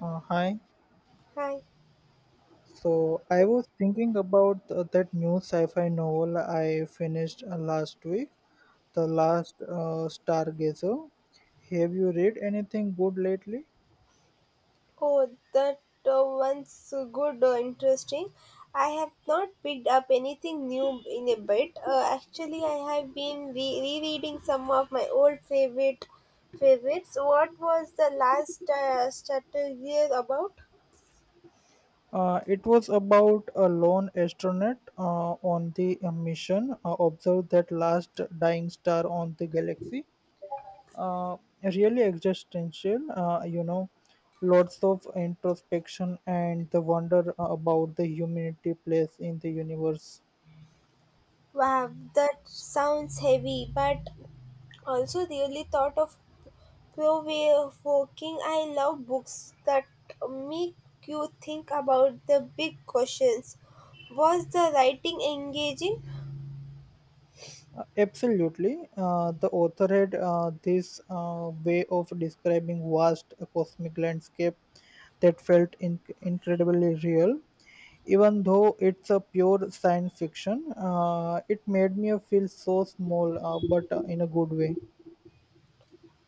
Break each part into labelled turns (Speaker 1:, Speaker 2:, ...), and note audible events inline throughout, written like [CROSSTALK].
Speaker 1: Hi.
Speaker 2: Hi.
Speaker 1: So I was thinking about that new sci-fi novel I finished last week, The Last Stargazer. Have you read anything good lately?
Speaker 2: Oh, that one's good, interesting. I have not picked up anything new in a bit. Actually, I have been rereading some of my old favorites. What was the last strategy about?
Speaker 1: It was about a lone astronaut on the mission observed that last dying star on the galaxy. Uh, really existential, lots of introspection and the wonder about the humanity place in the universe.
Speaker 2: Wow, that sounds heavy, but also, really thought of provoking. I love books that make you think about the big questions. Was the writing engaging?
Speaker 1: Absolutely. The author had this way of describing vast cosmic landscape that felt incredibly real. Even though it's a pure science fiction, it made me feel so small, but in a good way.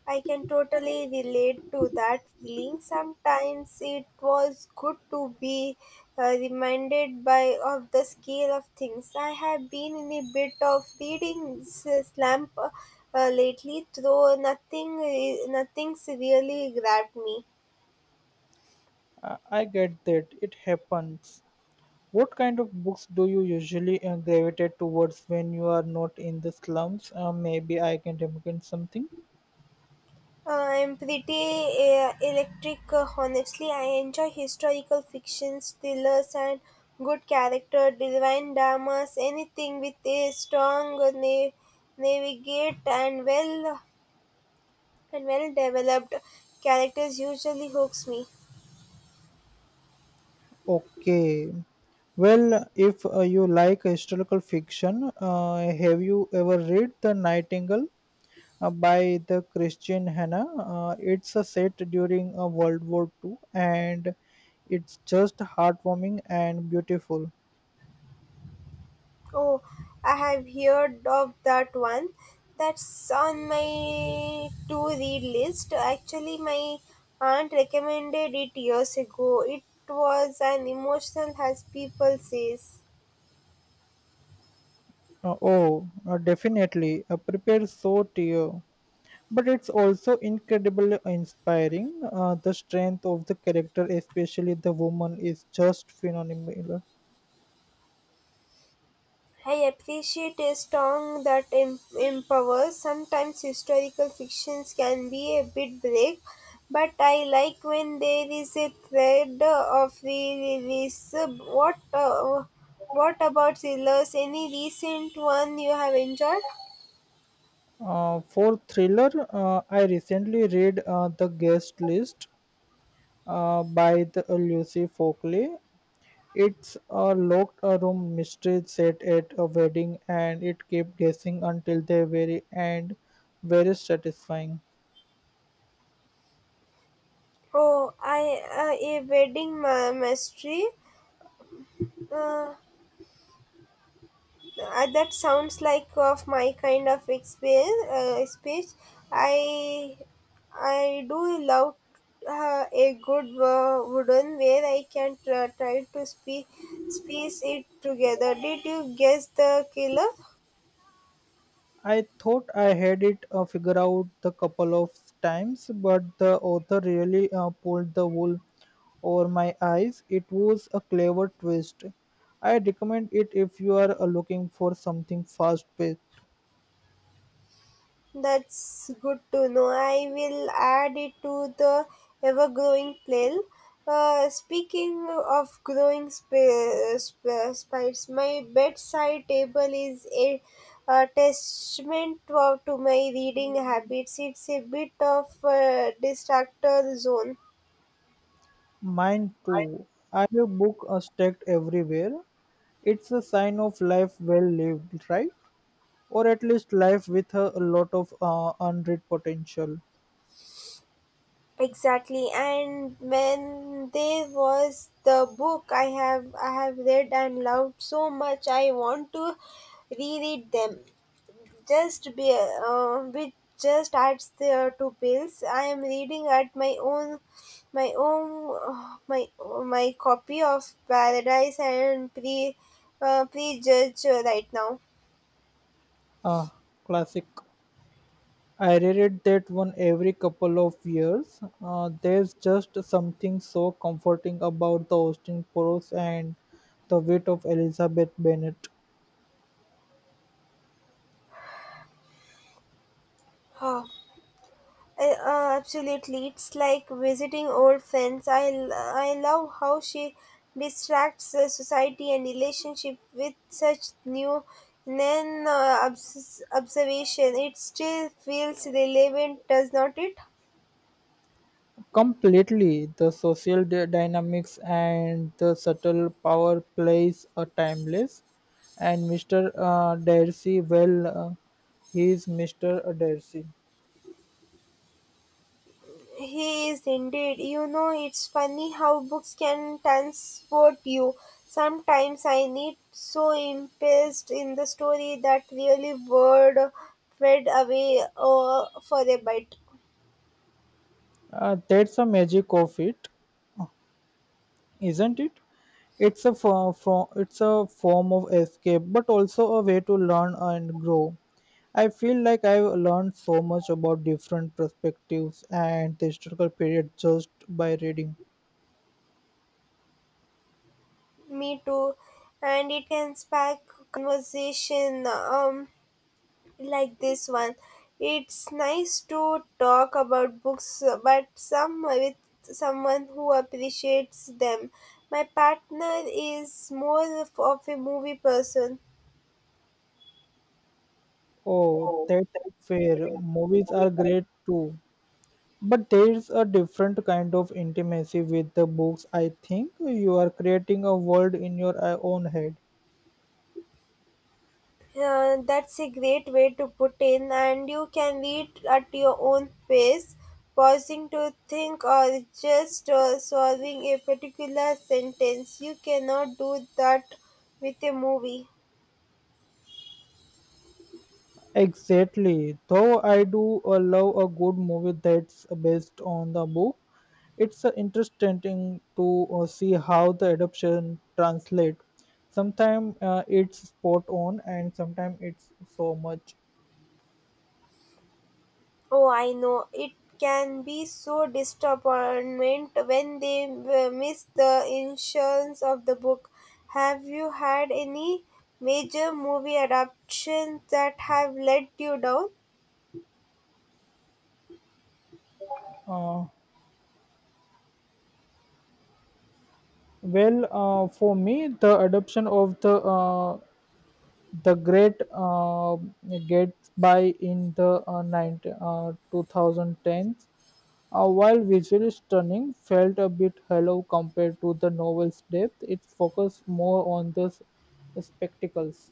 Speaker 2: I can totally relate to that feeling. Sometimes it was good to be reminded by of the scale of things. I have been in a bit of reading slump lately, though nothing nothing's really grabbed me.
Speaker 1: I get that. It happens. What kind of books do you usually gravitate towards when you are not in the slums? Maybe I can recommend something.
Speaker 2: I'm pretty electric, honestly. I enjoy historical fictions, thrillers, and good character, divine dramas, anything with a strong navigate and well developed characters usually hooks me.
Speaker 1: Okay. Well, if you like historical fiction, have you ever read The Nightingale by the Christian Hannah? It's a set during World War Two, and it's just heartwarming and beautiful.
Speaker 2: Oh, I have heard of that one. That's on my to read list. Actually, my aunt recommended it years ago. It was an emotional, as people says.
Speaker 1: Oh, definitely. Prepare so tear. But it's also incredibly inspiring. The strength of the character, especially the woman, is just phenomenal.
Speaker 2: I appreciate a song that empowers. Sometimes historical fictions can be a bit bleak, but I like when there is a thread of release. What about thrillers? Any recent one you have enjoyed?
Speaker 1: For thriller, I recently read The Guest List by the Lucy Folkley. It's a locked room mystery set at a wedding, and it kept guessing until the very end. Very satisfying.
Speaker 2: Oh, I a wedding mystery. Uh, that sounds like of my kind of experience, speech. I I do love a good wooden where I can try to piece it together. Did you guess the killer?
Speaker 1: I thought I had it figured out the couple of times, but the author really pulled the wool over my eyes. It was a clever twist. I recommend it if you are looking for something fast paced.
Speaker 2: That's good to know. I will add it to the ever growing pile. Speaking of growing spice, my bedside table is a testament to my reading habits. It's a bit of a distractor zone.
Speaker 1: Mine too. I have book stacked everywhere. It's a sign of life well lived, right? Or at least life with a lot of unread potential.
Speaker 2: Exactly, and when there was the book I have read and loved so much, I want to reread them. Just be, which just adds the two pills. I am reading at my own, [SIGHS] my copy of Prejudge right now. [SIGHS]
Speaker 1: Ah, classic. I reread that one every couple of years. There's just something so comforting about the Austin prose and the wit of Elizabeth Bennet.
Speaker 2: Oh, absolutely, it's like visiting old friends. I love how she distracts society and relationship with such new then observation, it still feels relevant, does not it?
Speaker 1: Completely, the social dynamics and the subtle power plays are timeless. And Mr. Darcy, well, he is Mr. Darcy.
Speaker 2: He is indeed. You know, it's funny how books can transport you. Sometimes I need so immersed in the story that really word fade away for a bit.
Speaker 1: That's the magic of it, isn't it? It's a form of escape, but also a way to learn and grow. I feel like I've learned so much about different perspectives and the historical period just by reading.
Speaker 2: Me too. And it can spark conversation. Like this one. It's nice to talk about books, but some with someone who appreciates them. My partner is more of a movie person.
Speaker 1: Oh,
Speaker 2: Oh,
Speaker 1: that's
Speaker 2: that's
Speaker 1: fair. Movies are great too. But there's a different kind of intimacy with the books. I think you are creating a world in your own head.
Speaker 2: That's a great way to put in, and you can read at your own pace, pausing to think or just solving a particular sentence. You cannot do that with a movie.
Speaker 1: Exactly. Though I do love a good movie that's based on the book, it's interesting to see how the adoption translate sometimes it's spot on and sometimes it's so much
Speaker 2: Oh, I know. It can be so disappointment when they miss the insurance of the book. Have you had any major movie adaptations that have let you down?
Speaker 1: uh, for me the adoption of the great gets by in the 19, 2010s while visually stunning felt a bit hollow compared to the novel's depth it focused more on the spectacles.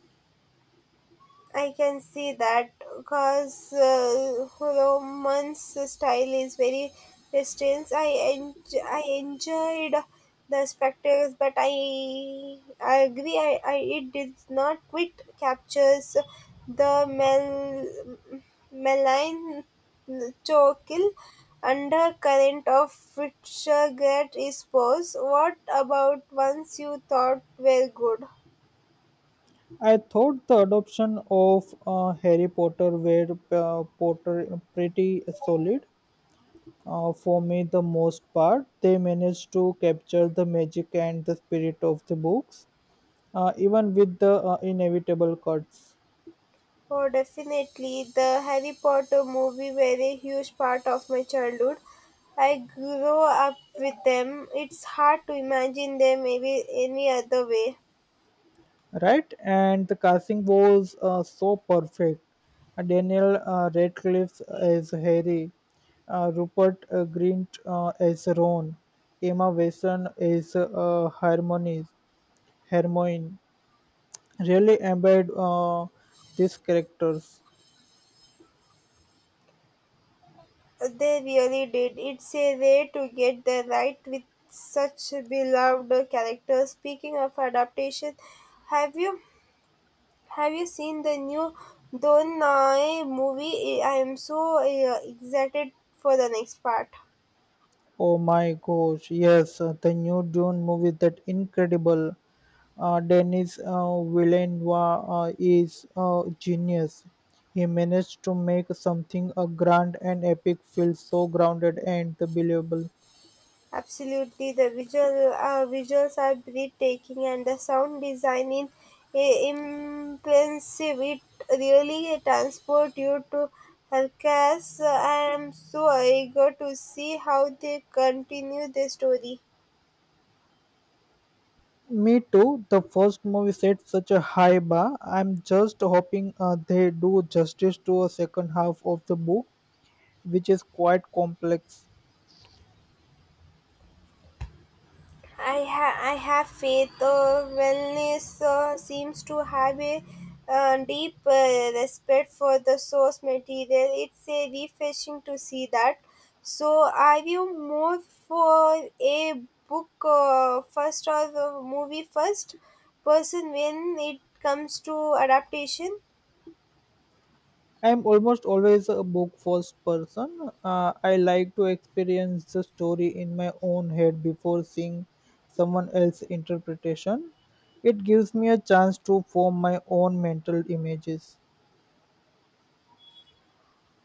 Speaker 2: I can see that because Roman's style is very distinct. I enjoyed the spectacles, but I agree. I, it did not quite captures the mel malign tokill undercurrent of which Gret is pose. What about ones you thought were good?
Speaker 1: I thought the adoption of Harry Potter were Potter pretty solid. For me, the most part, they managed to capture the magic and the spirit of the books, even with the inevitable cuts.
Speaker 2: Oh, definitely. The Harry Potter movie were a huge part of my childhood. I grew up with them. It's hard to imagine them maybe any other way.
Speaker 1: Right, and the casting was so perfect. Daniel Radcliffe as Harry, Rupert Grint as Ron, Emma Watson as Hermione, really embed these characters.
Speaker 2: They really did. It's a rare to get the right with such beloved characters. Speaking of adaptation, have you have you seen the new Don Noi movie? I am so excited for the next part.
Speaker 1: Oh my gosh, yes, the new Dune movie that incredible. Denis Villeneuve is a genius. He managed to make something grand and epic feel so grounded and believable.
Speaker 2: Absolutely, the visuals are breathtaking, and the sound design is impressive. It really transports you to Helcas. I am so eager to see how they continue the story.
Speaker 1: Me too. The first movie set such a high bar. I'm just hoping they do justice to a second half of the book, which is quite complex.
Speaker 2: I have faith. Wellness seems to have a deep respect for the source material. It's a refreshing to see that. So, are you more for a book first or a movie first person when it comes to adaptation?
Speaker 1: I'm almost always a book first person. I like to experience the story in my own head before seeing someone else's interpretation. It gives me a chance to form my own mental images.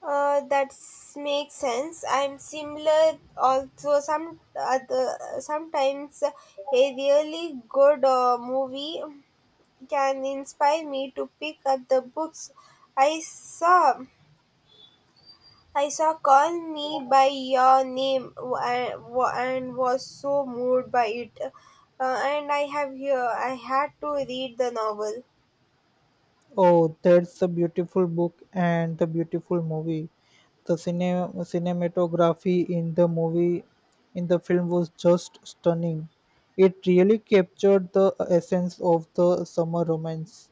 Speaker 2: That makes sense. I'm similar. Also, some other sometimes a really good movie can inspire me to pick up the books. I saw I saw Call Me by Your Name and was so moved by it. And I have here I had to read the novel.
Speaker 1: Oh, that's a beautiful book and the beautiful movie. The cinematography in the movie, in the film, was just stunning. It really captured the essence of the summer romance.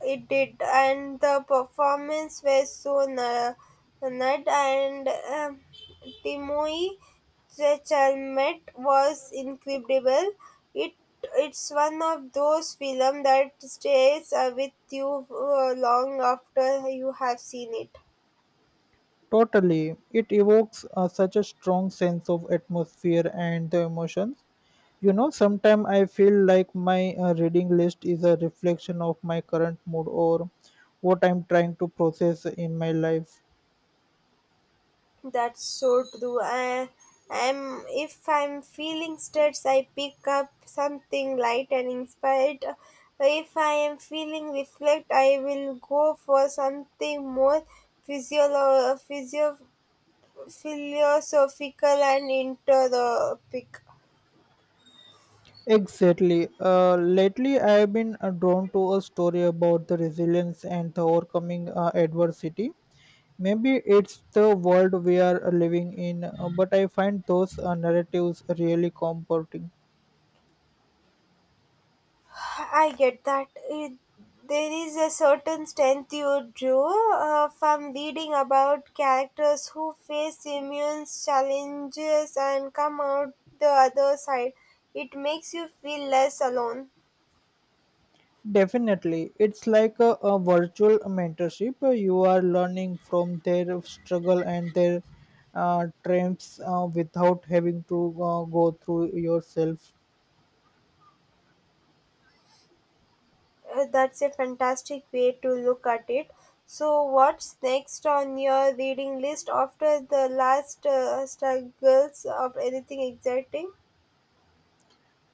Speaker 2: It did, and the performance was so nut and. Timothy Chalamet was incredible. It it's one of those films that stays with you long after you have seen it.
Speaker 1: Totally. It evokes such a strong sense of atmosphere and the emotions. You know, sometimes I feel like my reading list is a reflection of my current mood or what I'm trying to process in my life.
Speaker 2: That's so true. I'm if I'm feeling stressed, I pick up something light and inspired. If I am feeling reflect, I will go for something more physio physio philosophical and interiopic.
Speaker 1: Exactly. Lately, I have been drawn to a story about the resilience and the overcoming adversity. Maybe it's the world we are living in, but I find those narratives really comforting.
Speaker 2: I get that. It, there is a certain strength you drew from reading about characters who face immense challenges and come out the other side. It makes you feel less alone.
Speaker 1: Definitely. It's like a virtual mentorship. You are learning from their struggle and their triumphs without having to go through yourself.
Speaker 2: That's a fantastic way to look at it. So, what's next on your reading list after the last struggles of anything exciting?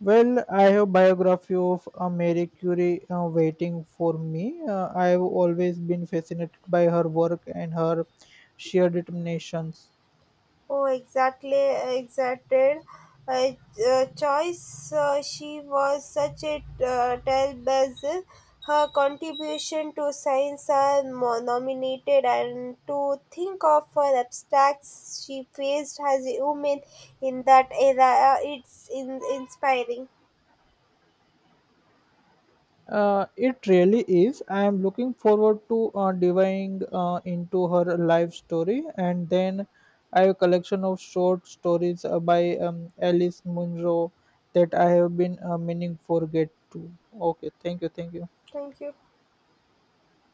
Speaker 1: Well, I have biography of Marie Curie waiting for me. I have always been fascinated by her work and her sheer determinations.
Speaker 2: Oh, exacted. Uh, choice. She was such a trailblazer. Her contribution to science are nominated, and to think of her abstracts she faced as a woman in that era, it's inspiring.
Speaker 1: It really is. I am looking forward to diving into her life story, and then I have a collection of short stories by Alice Munro that I have been meaning for get to. Okay, thank you, thank you.
Speaker 2: Thank you.